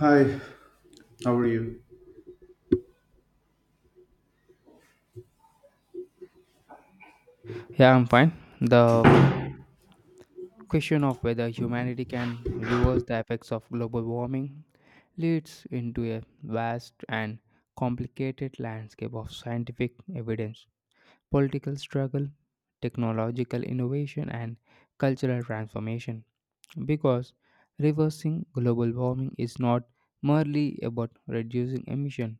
Hi, how are you? Yeah, I'm fine. The question of whether humanity can reverse the effects of global warming leads into a vast and complicated landscape of scientific evidence, political struggle, technological innovation, and cultural transformation. Because reversing global warming is not merely about reducing emission,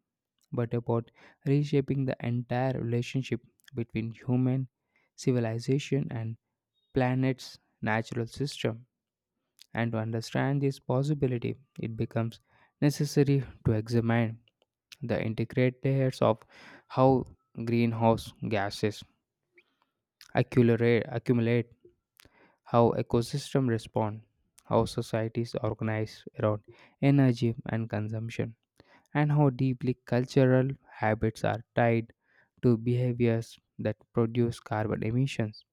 but about reshaping the entire relationship between human civilization and planet's natural system. And to understand this possibility, it becomes necessary to examine the integrate layers of how greenhouse gases accumulate, how ecosystems respond, how societies organize around energy and consumption, and how deeply cultural habits are tied to behaviors that produce carbon emissions,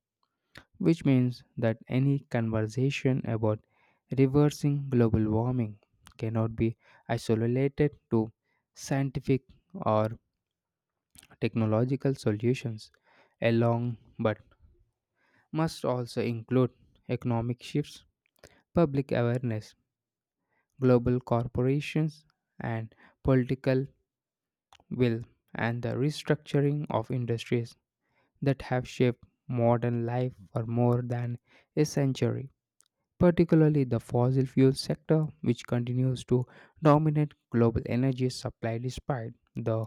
which means that any conversation about reversing global warming cannot be isolated to scientific or technological solutions alone, but must also include economic shifts, public awareness, global corporations, and political will, and the restructuring of industries that have shaped modern life for more than a century, particularly the fossil fuel sector, which continues to dominate global energy supply despite the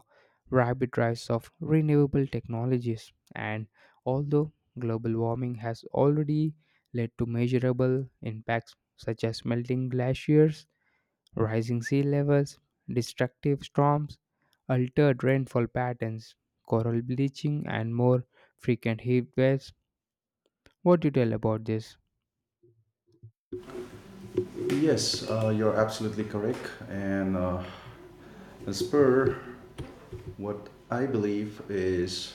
rapid rise of renewable technologies. And although global warming has already led to measurable impacts such as melting glaciers, rising sea levels, destructive storms, altered rainfall patterns, coral bleaching, and more frequent heat waves, what do you tell about this? Yes, you're absolutely correct. And as per what I believe is,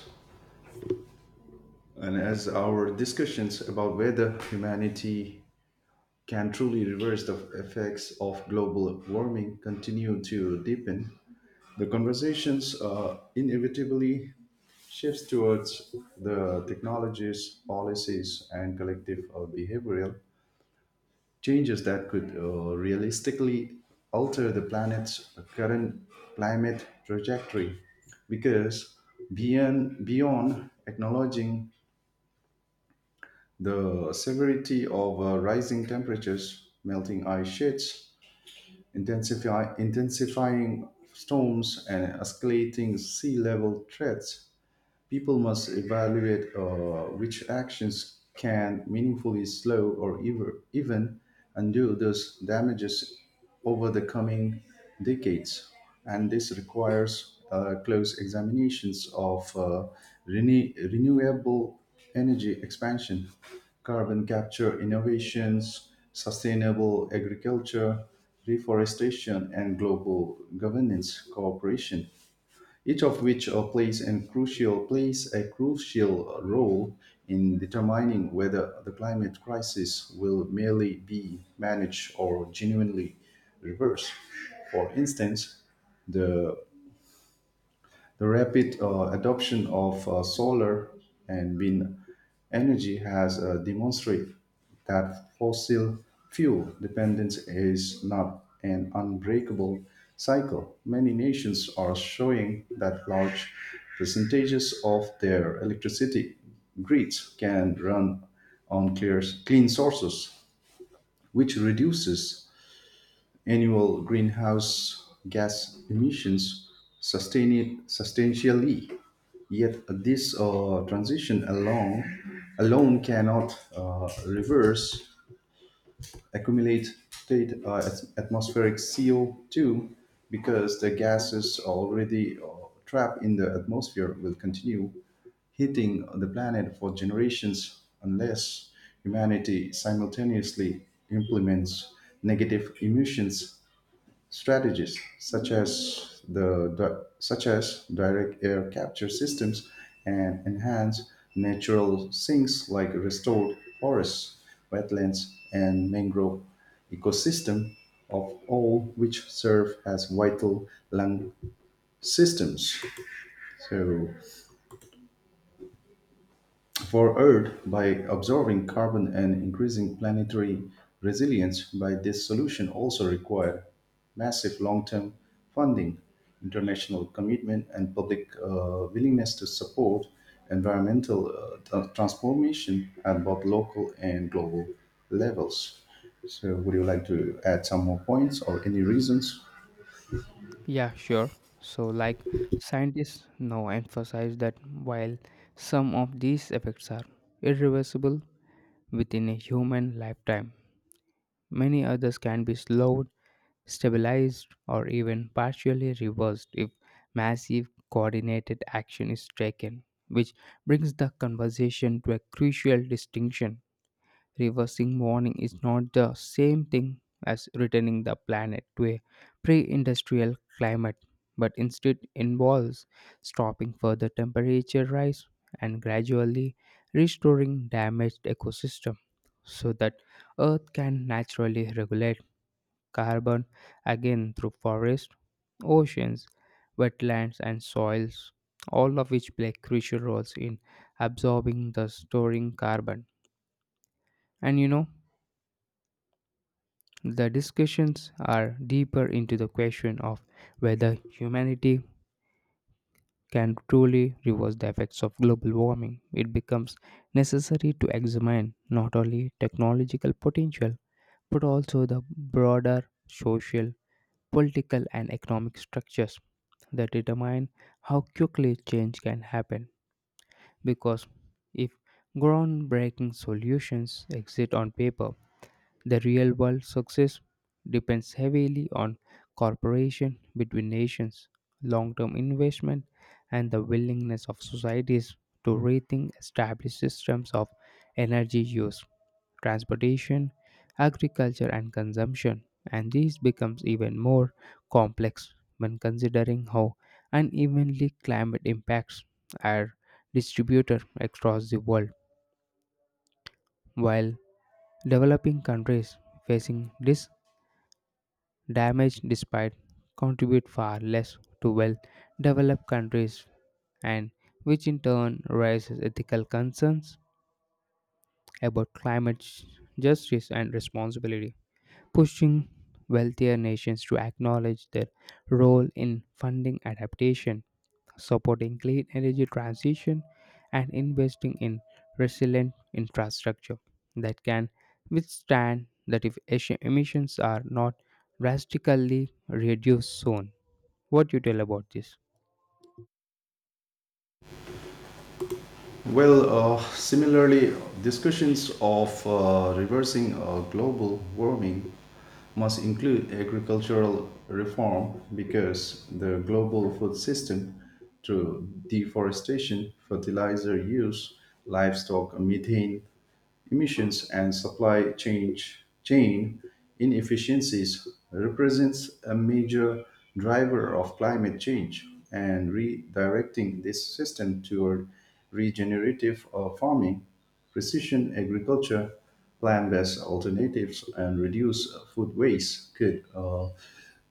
and as our discussions about whether humanity can truly reverse the effects of global warming continue to deepen, the conversations inevitably shifts towards the technologies, policies, and collective behavioral changes that could realistically alter the planet's current climate trajectory because beyond acknowledging the severity of rising temperatures, melting ice sheets, intensifying storms, and escalating sea level threats. People must evaluate which actions can meaningfully slow or even undo those damages over the coming decades. And this requires close examinations of renewable energy expansion, carbon capture innovations, sustainable agriculture, reforestation, and global governance cooperation, each of which plays a crucial role in determining whether the climate crisis will merely be managed or genuinely reversed. For instance, the the rapid adoption of solar and wind energy has demonstrated that fossil fuel dependence is not an unbreakable cycle. Many nations are showing that large percentages of their electricity grids can run on clean sources, which reduces annual greenhouse gas emissions substantially. Yet, this transition alone cannot reverse accumulated atmospheric CO2, because the gases already trapped in the atmosphere will continue hitting the planet for generations unless humanity simultaneously implements negative emissions strategies, such as such as direct air capture systems and enhanced natural sinks like restored forests, wetlands, and mangrove ecosystem, of all which serve as vital lung systems. So for Earth, by absorbing carbon and increasing planetary resilience, by this solution also require massive long-term funding, international commitment, and public willingness to support environmental transformation at both local and global levels. So, would you like to add some more points or any reasons? Yeah, sure. So, like scientists now emphasize that while some of these effects are irreversible within a human lifetime, many others can be slowed, stabilized, or even partially reversed if massive coordinated action is taken, which brings the conversation to a crucial distinction. Reversing warning is not the same thing as returning the planet to a pre industrial climate, but instead involves stopping further temperature rise and gradually restoring damaged ecosystem so that Earth can naturally regulate carbon again through forests, oceans, wetlands, and soils, all of which play crucial roles in absorbing the storing carbon. And the discussions are deeper into the question of whether humanity can truly reverse the effects of global warming. It becomes necessary to examine not only technological potential but also the broader social, political, and economic structures that determine how quickly change can happen. Because if groundbreaking solutions exist on paper, the real world success depends heavily on cooperation between nations, long term investment, and the willingness of societies to rethink established systems of energy use, transportation, agriculture, and consumption. And this becomes even more complex when considering how unevenly climate impacts are distributed across the world. While developing countries facing dis damage despite contribute far less to well developed countries, and which in turn raises ethical concerns about climate justice and responsibility, pushing wealthier nations to acknowledge their role in funding adaptation, supporting clean energy transition, and investing in resilient infrastructure that can withstand, that if emissions are not drastically reduced soon, what you tell about this? Well, similarly, discussions of reversing global warming must include agricultural reform, because the global food system, through deforestation, fertilizer use, livestock methane emissions and supply chain inefficiencies, represents a major driver of climate change, and redirecting this system toward regenerative farming, precision agriculture, plant-based alternatives, and reduce food waste could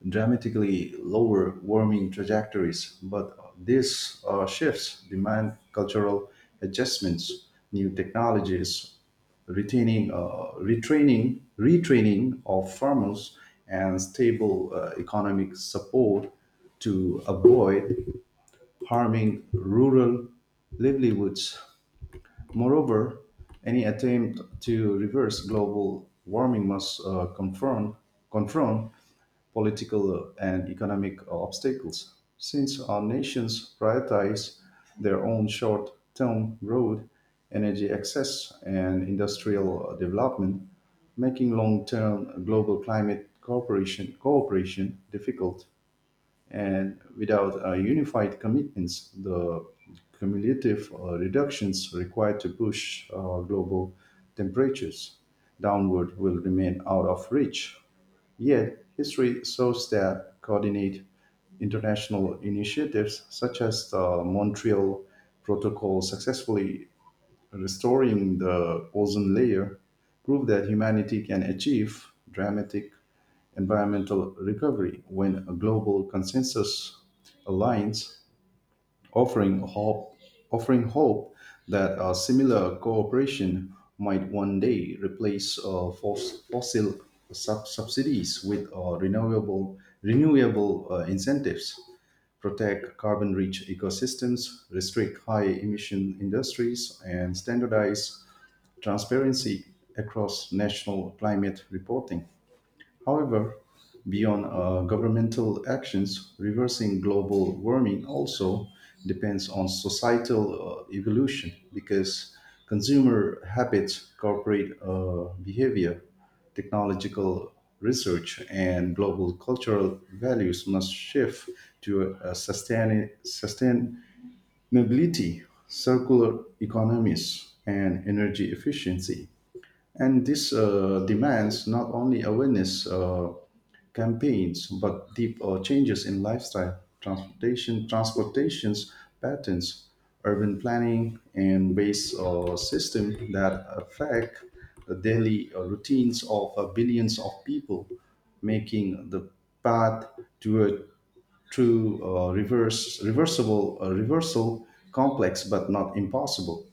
dramatically lower warming trajectories, but these shifts demand cultural adjustments, new technologies, retraining of farmers and stable economic support to avoid harming rural livelihoods. Moreover, any attempt to reverse global warming must confront political and economic obstacles, since our nations prioritize their own short term growth, energy access, and industrial development, making long term global climate cooperation difficult. And without unified commitments, the cumulative reductions required to push global temperatures downward will remain out of reach. Yet, history shows that coordinate international initiatives such as the Montreal Protocol successfully restoring the ozone layer prove that humanity can achieve dramatic environmental recovery when a global consensus aligns, offering hope, offering hope that a similar cooperation might one day replace fossil subsidies with renewable incentives, protect carbon-rich ecosystems, restrict high-emission industries, and standardize transparency across national climate reporting. However, beyond governmental actions, reversing global warming also depends on societal evolution, because consumer habits, corporate behavior, technological research, and global cultural values must shift to a sustainability, circular economies, and energy efficiency. And this demands not only awareness campaigns, but deep changes in lifestyle, transportations patterns, urban planning, and waste system that affect the daily routines of billions of people, making the path to a true reversal complex, but not impossible,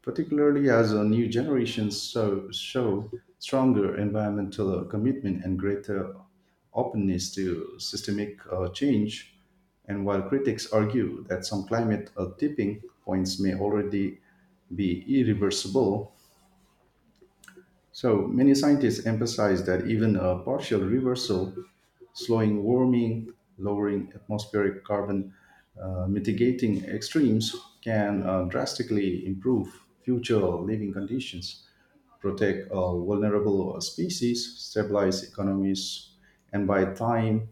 particularly as new generations show stronger environmental commitment and greater openness to systemic change. And while critics argue that some climate tipping points may already be irreversible, so many scientists emphasize that even a partial reversal, slowing warming, lowering atmospheric carbon, mitigating extremes, can drastically improve future living conditions, protect vulnerable species, stabilize economies, and buy time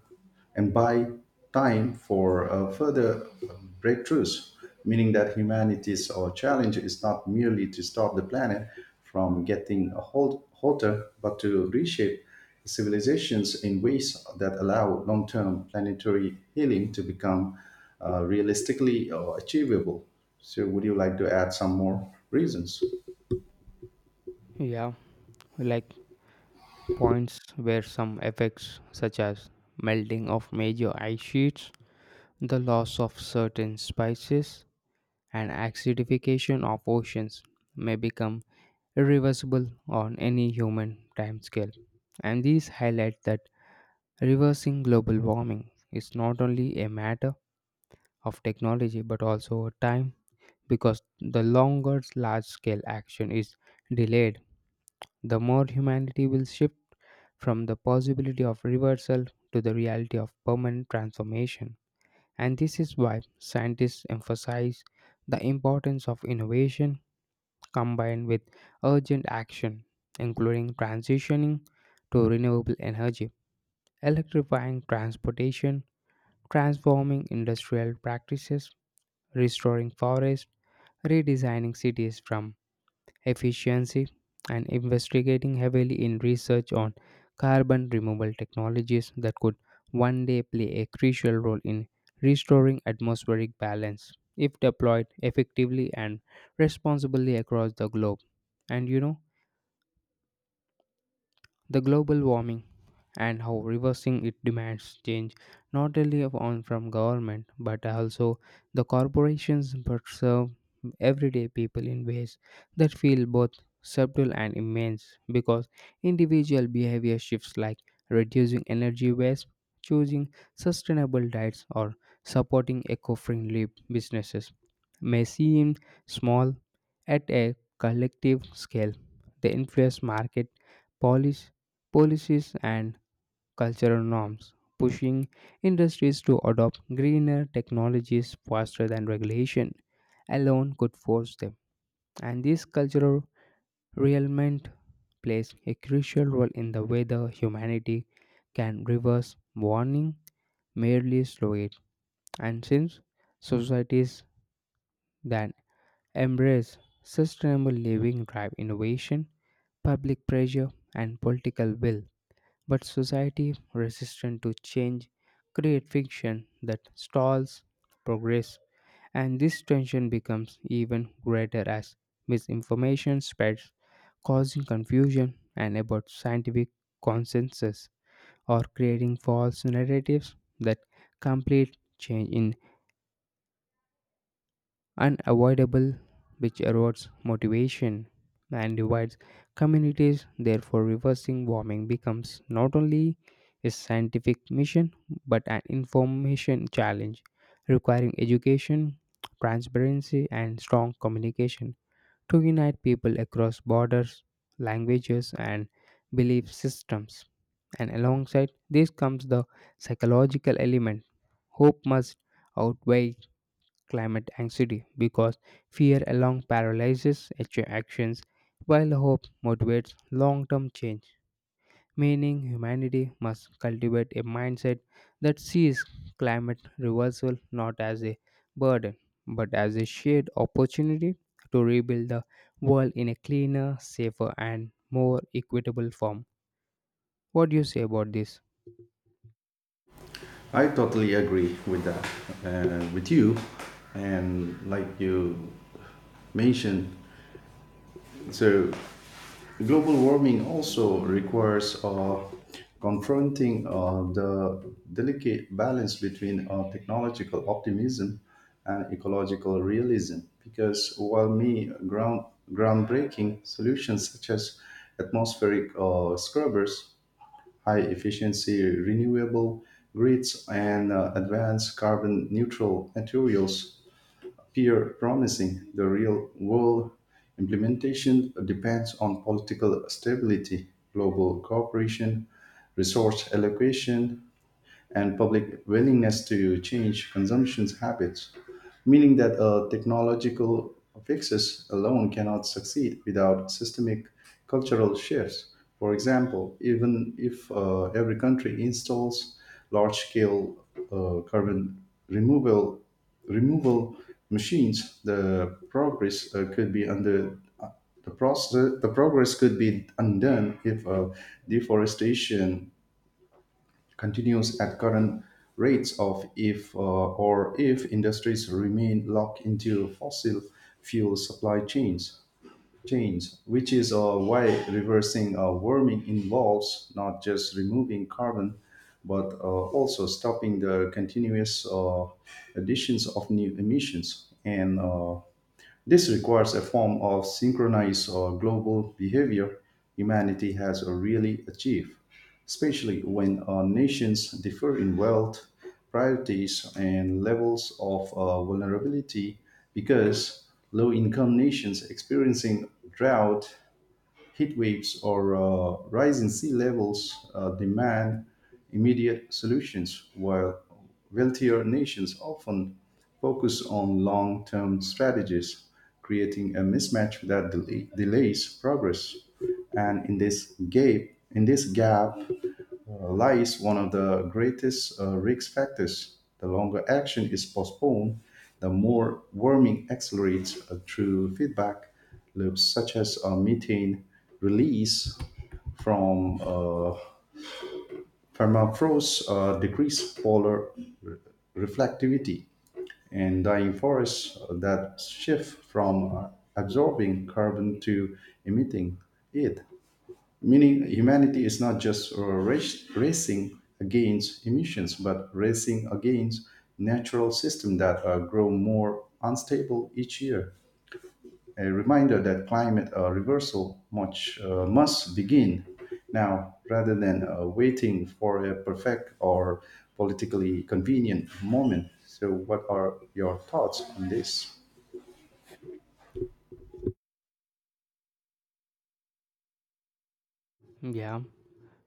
and buy time for further breakthroughs. Meaning that humanity's challenge is not merely to stop the planet from getting a hotter, but to reshape civilizations in ways that allow long-term planetary healing to become realistically achievable. So, would you like to add some more reasons? Yeah, like points where some effects such as melting of major ice sheets, the loss of certain species, and acidification of oceans may become irreversible on any human timescale. And these highlight that reversing global warming is not only a matter of technology but also a time, because the longer large scale action is delayed, the more humanity will shift from the possibility of reversal to the reality of permanent transformation. And this is why scientists emphasize the importance of innovation combined with urgent action, including transitioning to renewable energy, electrifying transportation, transforming industrial practices, restoring forests, redesigning cities from efficiency, and investigating heavily in research on carbon removal technologies that could one day play a crucial role in restoring atmospheric balance if deployed effectively and responsibly across the globe. And the global warming and how reversing it demands change not only of- on from government but also the corporations but serve everyday people in ways that feel both subtle and immense, because individual behavior shifts like reducing energy waste, choosing sustainable diets, or supporting eco-friendly businesses may seem small at a collective scale, they influence market policy policies, and cultural norms, pushing industries to adopt greener technologies faster than regulation alone could force them. And this cultural realignment plays a crucial role in the way the humanity can reverse warning, merely slow it. And since societies that embrace sustainable living drive innovation, public pressure, and political will, but society, resistant to change, create fiction that stalls progress, and this tension becomes even greater as misinformation spreads, causing confusion and about scientific consensus or creating false narratives that complete change in unavoidable, which erodes motivation and divides communities. Therefore, reversing warming becomes not only a scientific mission but an information challenge, requiring education, transparency, and strong communication to unite people across borders, languages, and belief systems. And alongside this comes the psychological element. Hope must outweigh climate anxiety because fear alone paralyzes actions while hope motivates long-term change, meaning humanity must cultivate a mindset that sees climate reversal not as a burden but as a shared opportunity to rebuild the world in a cleaner, safer, and more equitable form. What do you say about this? I totally agree with that, with you, and like you mentioned, so global warming also requires confronting the delicate balance between technological optimism and ecological realism, because while me ground groundbreaking solutions such as atmospheric scrubbers, high efficiency renewable grids, and advanced carbon neutral materials appear promising. The real world implementation depends on political stability, global cooperation, resource allocation, and public willingness to change consumption's habits, meaning that technological fixes alone cannot succeed without systemic cultural shifts. For example, even if every country installs large-scale carbon removal removal machines, the progress could be under the process. The progress could be undone if deforestation continues at current rates of if or if industries remain locked into fossil fuel supply chains, which is why reversing warming involves not just removing carbon but also stopping the continuous additions of new emissions, and this requires a form of synchronized or global behavior humanity has really achieved, especially when nations differ in wealth, priorities, and levels of vulnerability, because low income nations experiencing drought, heat waves, or rising sea levels demand immediate solutions, while wealthier nations often focus on long-term strategies, creating a mismatch that delays progress. And in this gap lies one of the greatest risk factors. The longer action is postponed, the more warming accelerates through feedback loops such as methane release from permafrost, decrease polar re- reflectivity. In dying forests, that shift from absorbing carbon to emitting it, meaning humanity is not just racing against emissions, but racing against natural systems that grow more unstable each year, a reminder that climate reversal must begin now rather than waiting for a perfect or politically convenient moment. So, what are your thoughts on this? Yeah,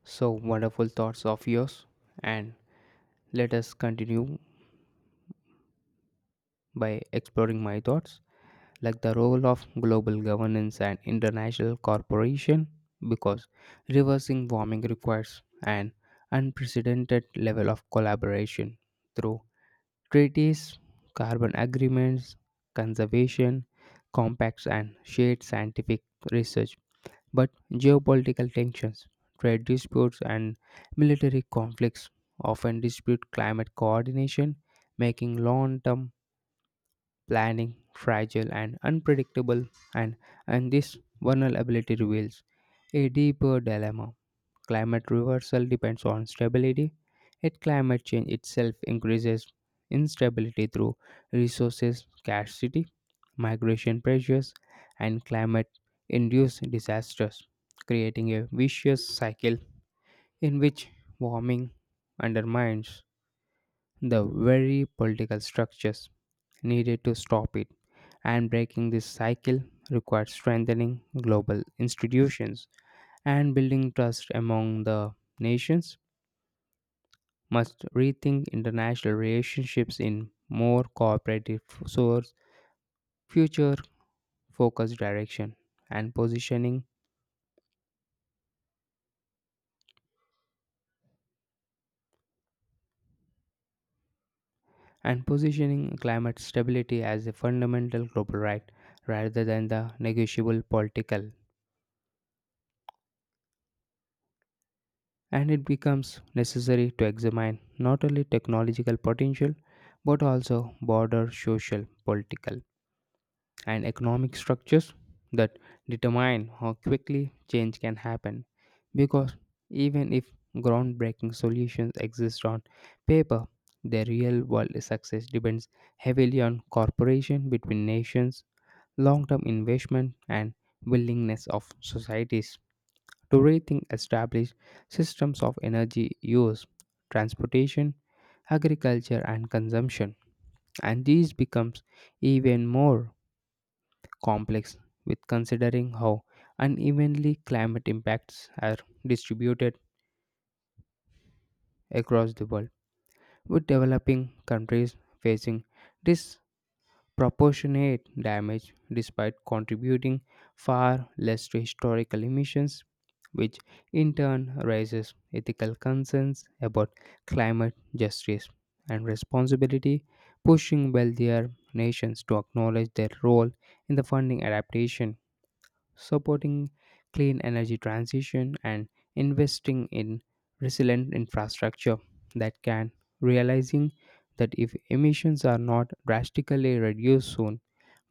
so wonderful thoughts of yours. And let us continue by exploring my thoughts, like the role of global governance and international cooperation, because reversing warming requires an unprecedented level of collaboration through treaties, carbon agreements, conservation compacts, and shared scientific research. But geopolitical tensions, trade disputes, and military conflicts often dispute climate coordination, making long-term planning fragile and unpredictable, and, and this vulnerability reveals a deeper dilemma. Climate reversal depends on stability, yet climate change itself increases instability through resources scarcity, migration pressures, and climate induced disasters, creating a vicious cycle in which warming undermines the very political structures needed to stop it, and breaking this cycle requires strengthening global institutions and building trust among the nations, must rethink international relationships in more cooperative source, future focused direction, and positioning and positioning climate stability as a fundamental global right rather than the negotiable political. And it becomes necessary to examine not only technological potential but also broader social, political, and economic structures that determine how quickly change can happen. Because even if groundbreaking solutions exist on paper, the real world success depends heavily on cooperation between nations, long term investment, and willingness of societies to rethink established systems of energy use, transportation, agriculture, and consumption. And these becomes even more complex with considering how unevenly climate impacts are distributed across the world, with developing countries facing dis- proportionate damage despite contributing far less to historical emissions, which in turn raises ethical concerns about climate justice and responsibility, pushing wealthier nations to acknowledge their role in the funding adaptation, supporting clean energy transition, and investing in resilient infrastructure that can, realizing that if emissions are not drastically reduced soon,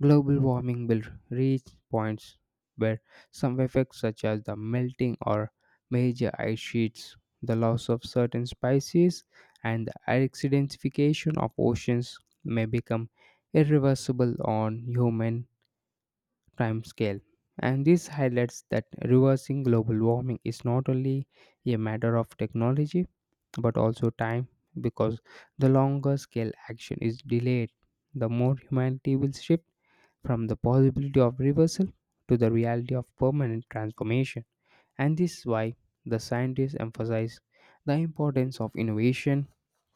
global warming will reach points where some effects, such as the melting or major ice sheets, the loss of certain species, and the acidification of oceans, may become irreversible on human timescale. And this highlights that reversing global warming is not only a matter of technology but also time, because the longer scale action is delayed, the more humanity will shift from the possibility of reversal to the reality of permanent transformation. And this is why the scientists emphasize the importance of innovation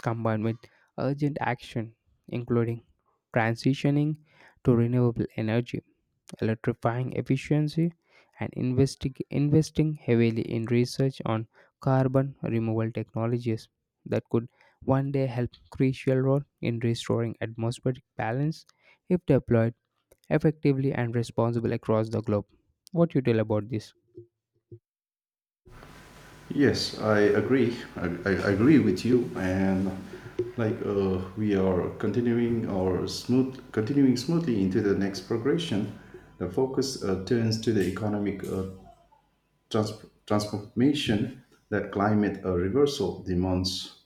combined with urgent action, including transitioning to renewable energy, electrifying efficiency, and investing heavily in research on carbon removal technologies that could one day help crucial role in restoring atmospheric balance if deployed effectively and responsible across the globe. What you tell about this? Yes, I agree. I agree with you. And like we are continuing our continuing smoothly into the next progression, the focus turns to the economic transformation that climate reversal demands,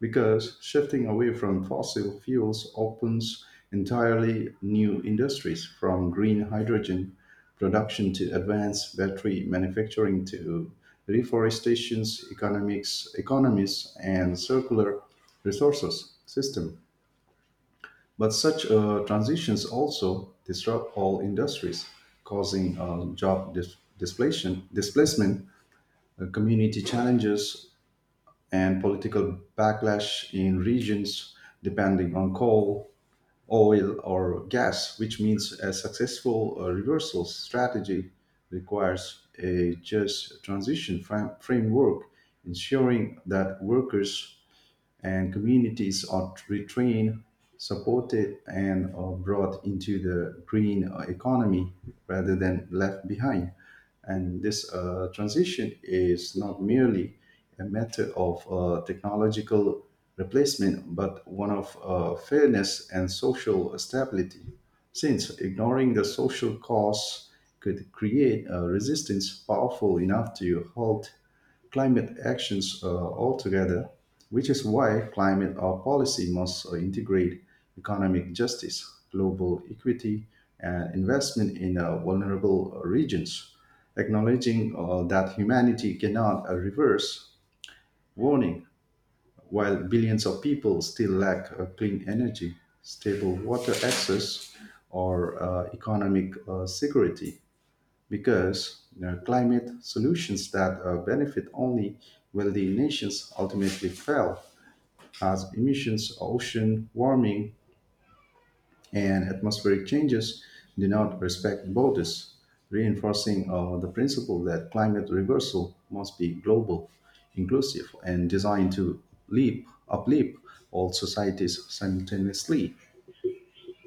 because shifting away from fossil fuels opens entirely new industries, from green hydrogen production to advanced battery manufacturing to reforestation's economics economies and circular resources system, but such transitions also disrupt all industries, causing job displacement community challenges, and political backlash in regions depending on coal, oil, or gas, which means a successful reversal strategy requires a just transition framework, ensuring that workers and communities are retrained, supported, and are brought into the green economy rather than left behind. And this transition is not merely a matter of technological replacement, but one of fairness and social stability, since ignoring the social costs could create a resistance powerful enough to halt climate actions altogether, which is why climate policy must integrate economic justice, global equity, and investment in vulnerable regions, acknowledging that humanity cannot reverse warning while billions of people still lack clean energy, stable water access, or economic security, because you know, climate solutions that benefit only wealthy nations ultimately fail, as emissions, ocean warming, and atmospheric changes do not respect borders, reinforcing the principle that climate reversal must be global, inclusive, and designed to uplift all societies simultaneously.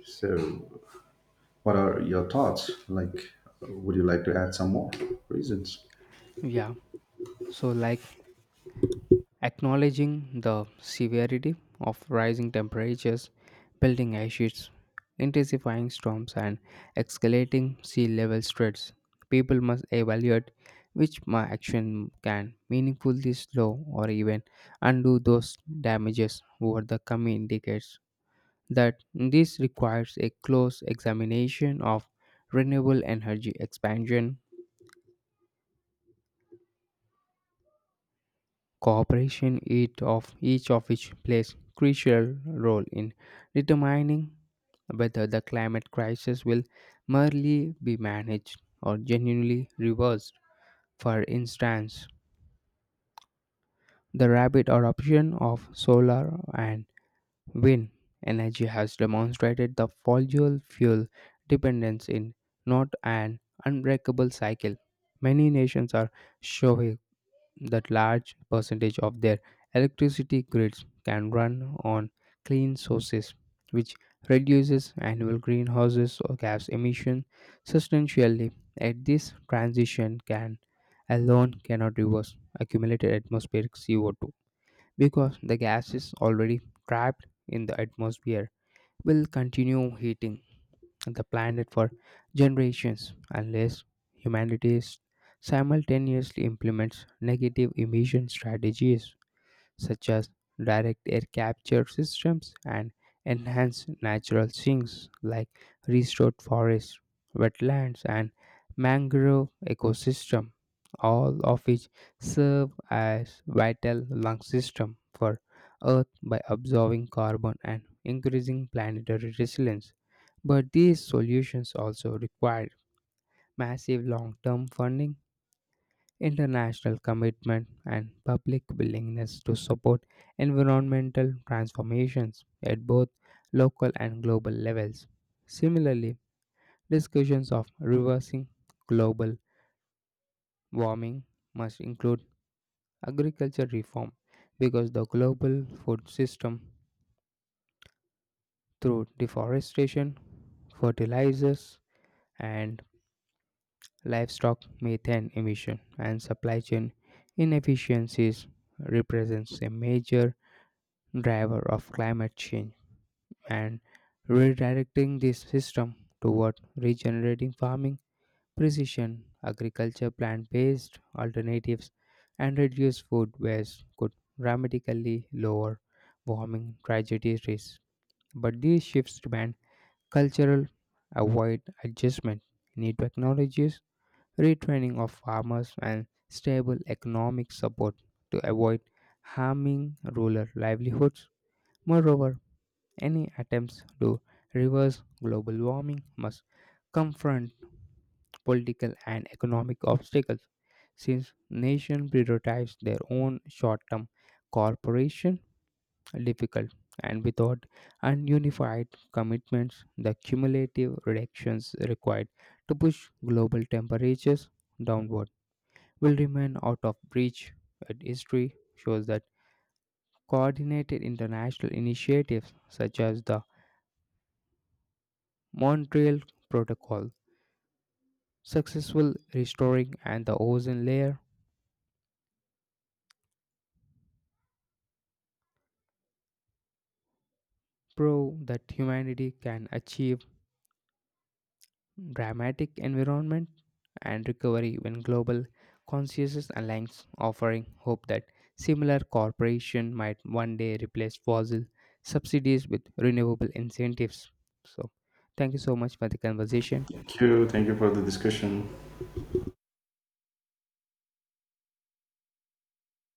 So, what are your thoughts? Like, would you like to add some more reasons? Yeah, so like acknowledging the severity of rising temperatures, building ice sheets, intensifying storms, and escalating sea level threats, people must evaluate which my action can meaningfully slow or even undo those damages over the coming decades. That this requires a close examination of renewable energy expansion cooperation, it of each of which plays crucial role in determining whether the climate crisis will merely be managed or genuinely reversed. For instance, the rapid adoption of solar and wind energy has demonstrated the fossil fuel dependence in not an unbreakable cycle. Many nations are showing that large percentage of their electricity grids can run on clean sources, which reduces annual greenhouses or gas emission substantially. At this transition can alone cannot reverse accumulated atmospheric CO2 because the gas is already trapped in the atmosphere will continue heating the planet for generations unless humanity simultaneously implements negative emission strategies such as direct air capture systems and enhanced natural sinks like restored forests, wetlands, and mangrove ecosystem, all of which serve as vital lung system for Earth by absorbing carbon and increasing planetary resilience. But these solutions also require massive long-term funding, international commitment, and public willingness to support environmental transformations at both local and global levels. Similarly, discussions of reversing global warming must include agriculture reform because the global food system, through deforestation, fertilizers, and livestock methane emission and supply chain inefficiencies, represents a major driver of climate change, and redirecting this system toward regenerating farming, precision agriculture, plant based alternatives, and reduced food waste could dramatically lower warming tragedy risks. But these shifts demand cultural avoid adjustment, new technologies, retraining of farmers, and stable economic support to avoid harming rural livelihoods. Moreover, any attempts to reverse global warming must confront political and economic obstacles. Since nations prioritize their own short term cooperation, difficult, and without ununified commitments, the cumulative reductions required to push global temperatures downward will remain out of reach. But history shows that coordinated international initiatives such as the Montreal Protocol, successful restoring and the ozone layer, prove that humanity can achieve dramatic environment and recovery when global consciousness aligns, offering hope that similar cooperation might one day replace fossil subsidies with renewable incentives. So, thank you so much for the conversation. Thank you. Thank you for the discussion.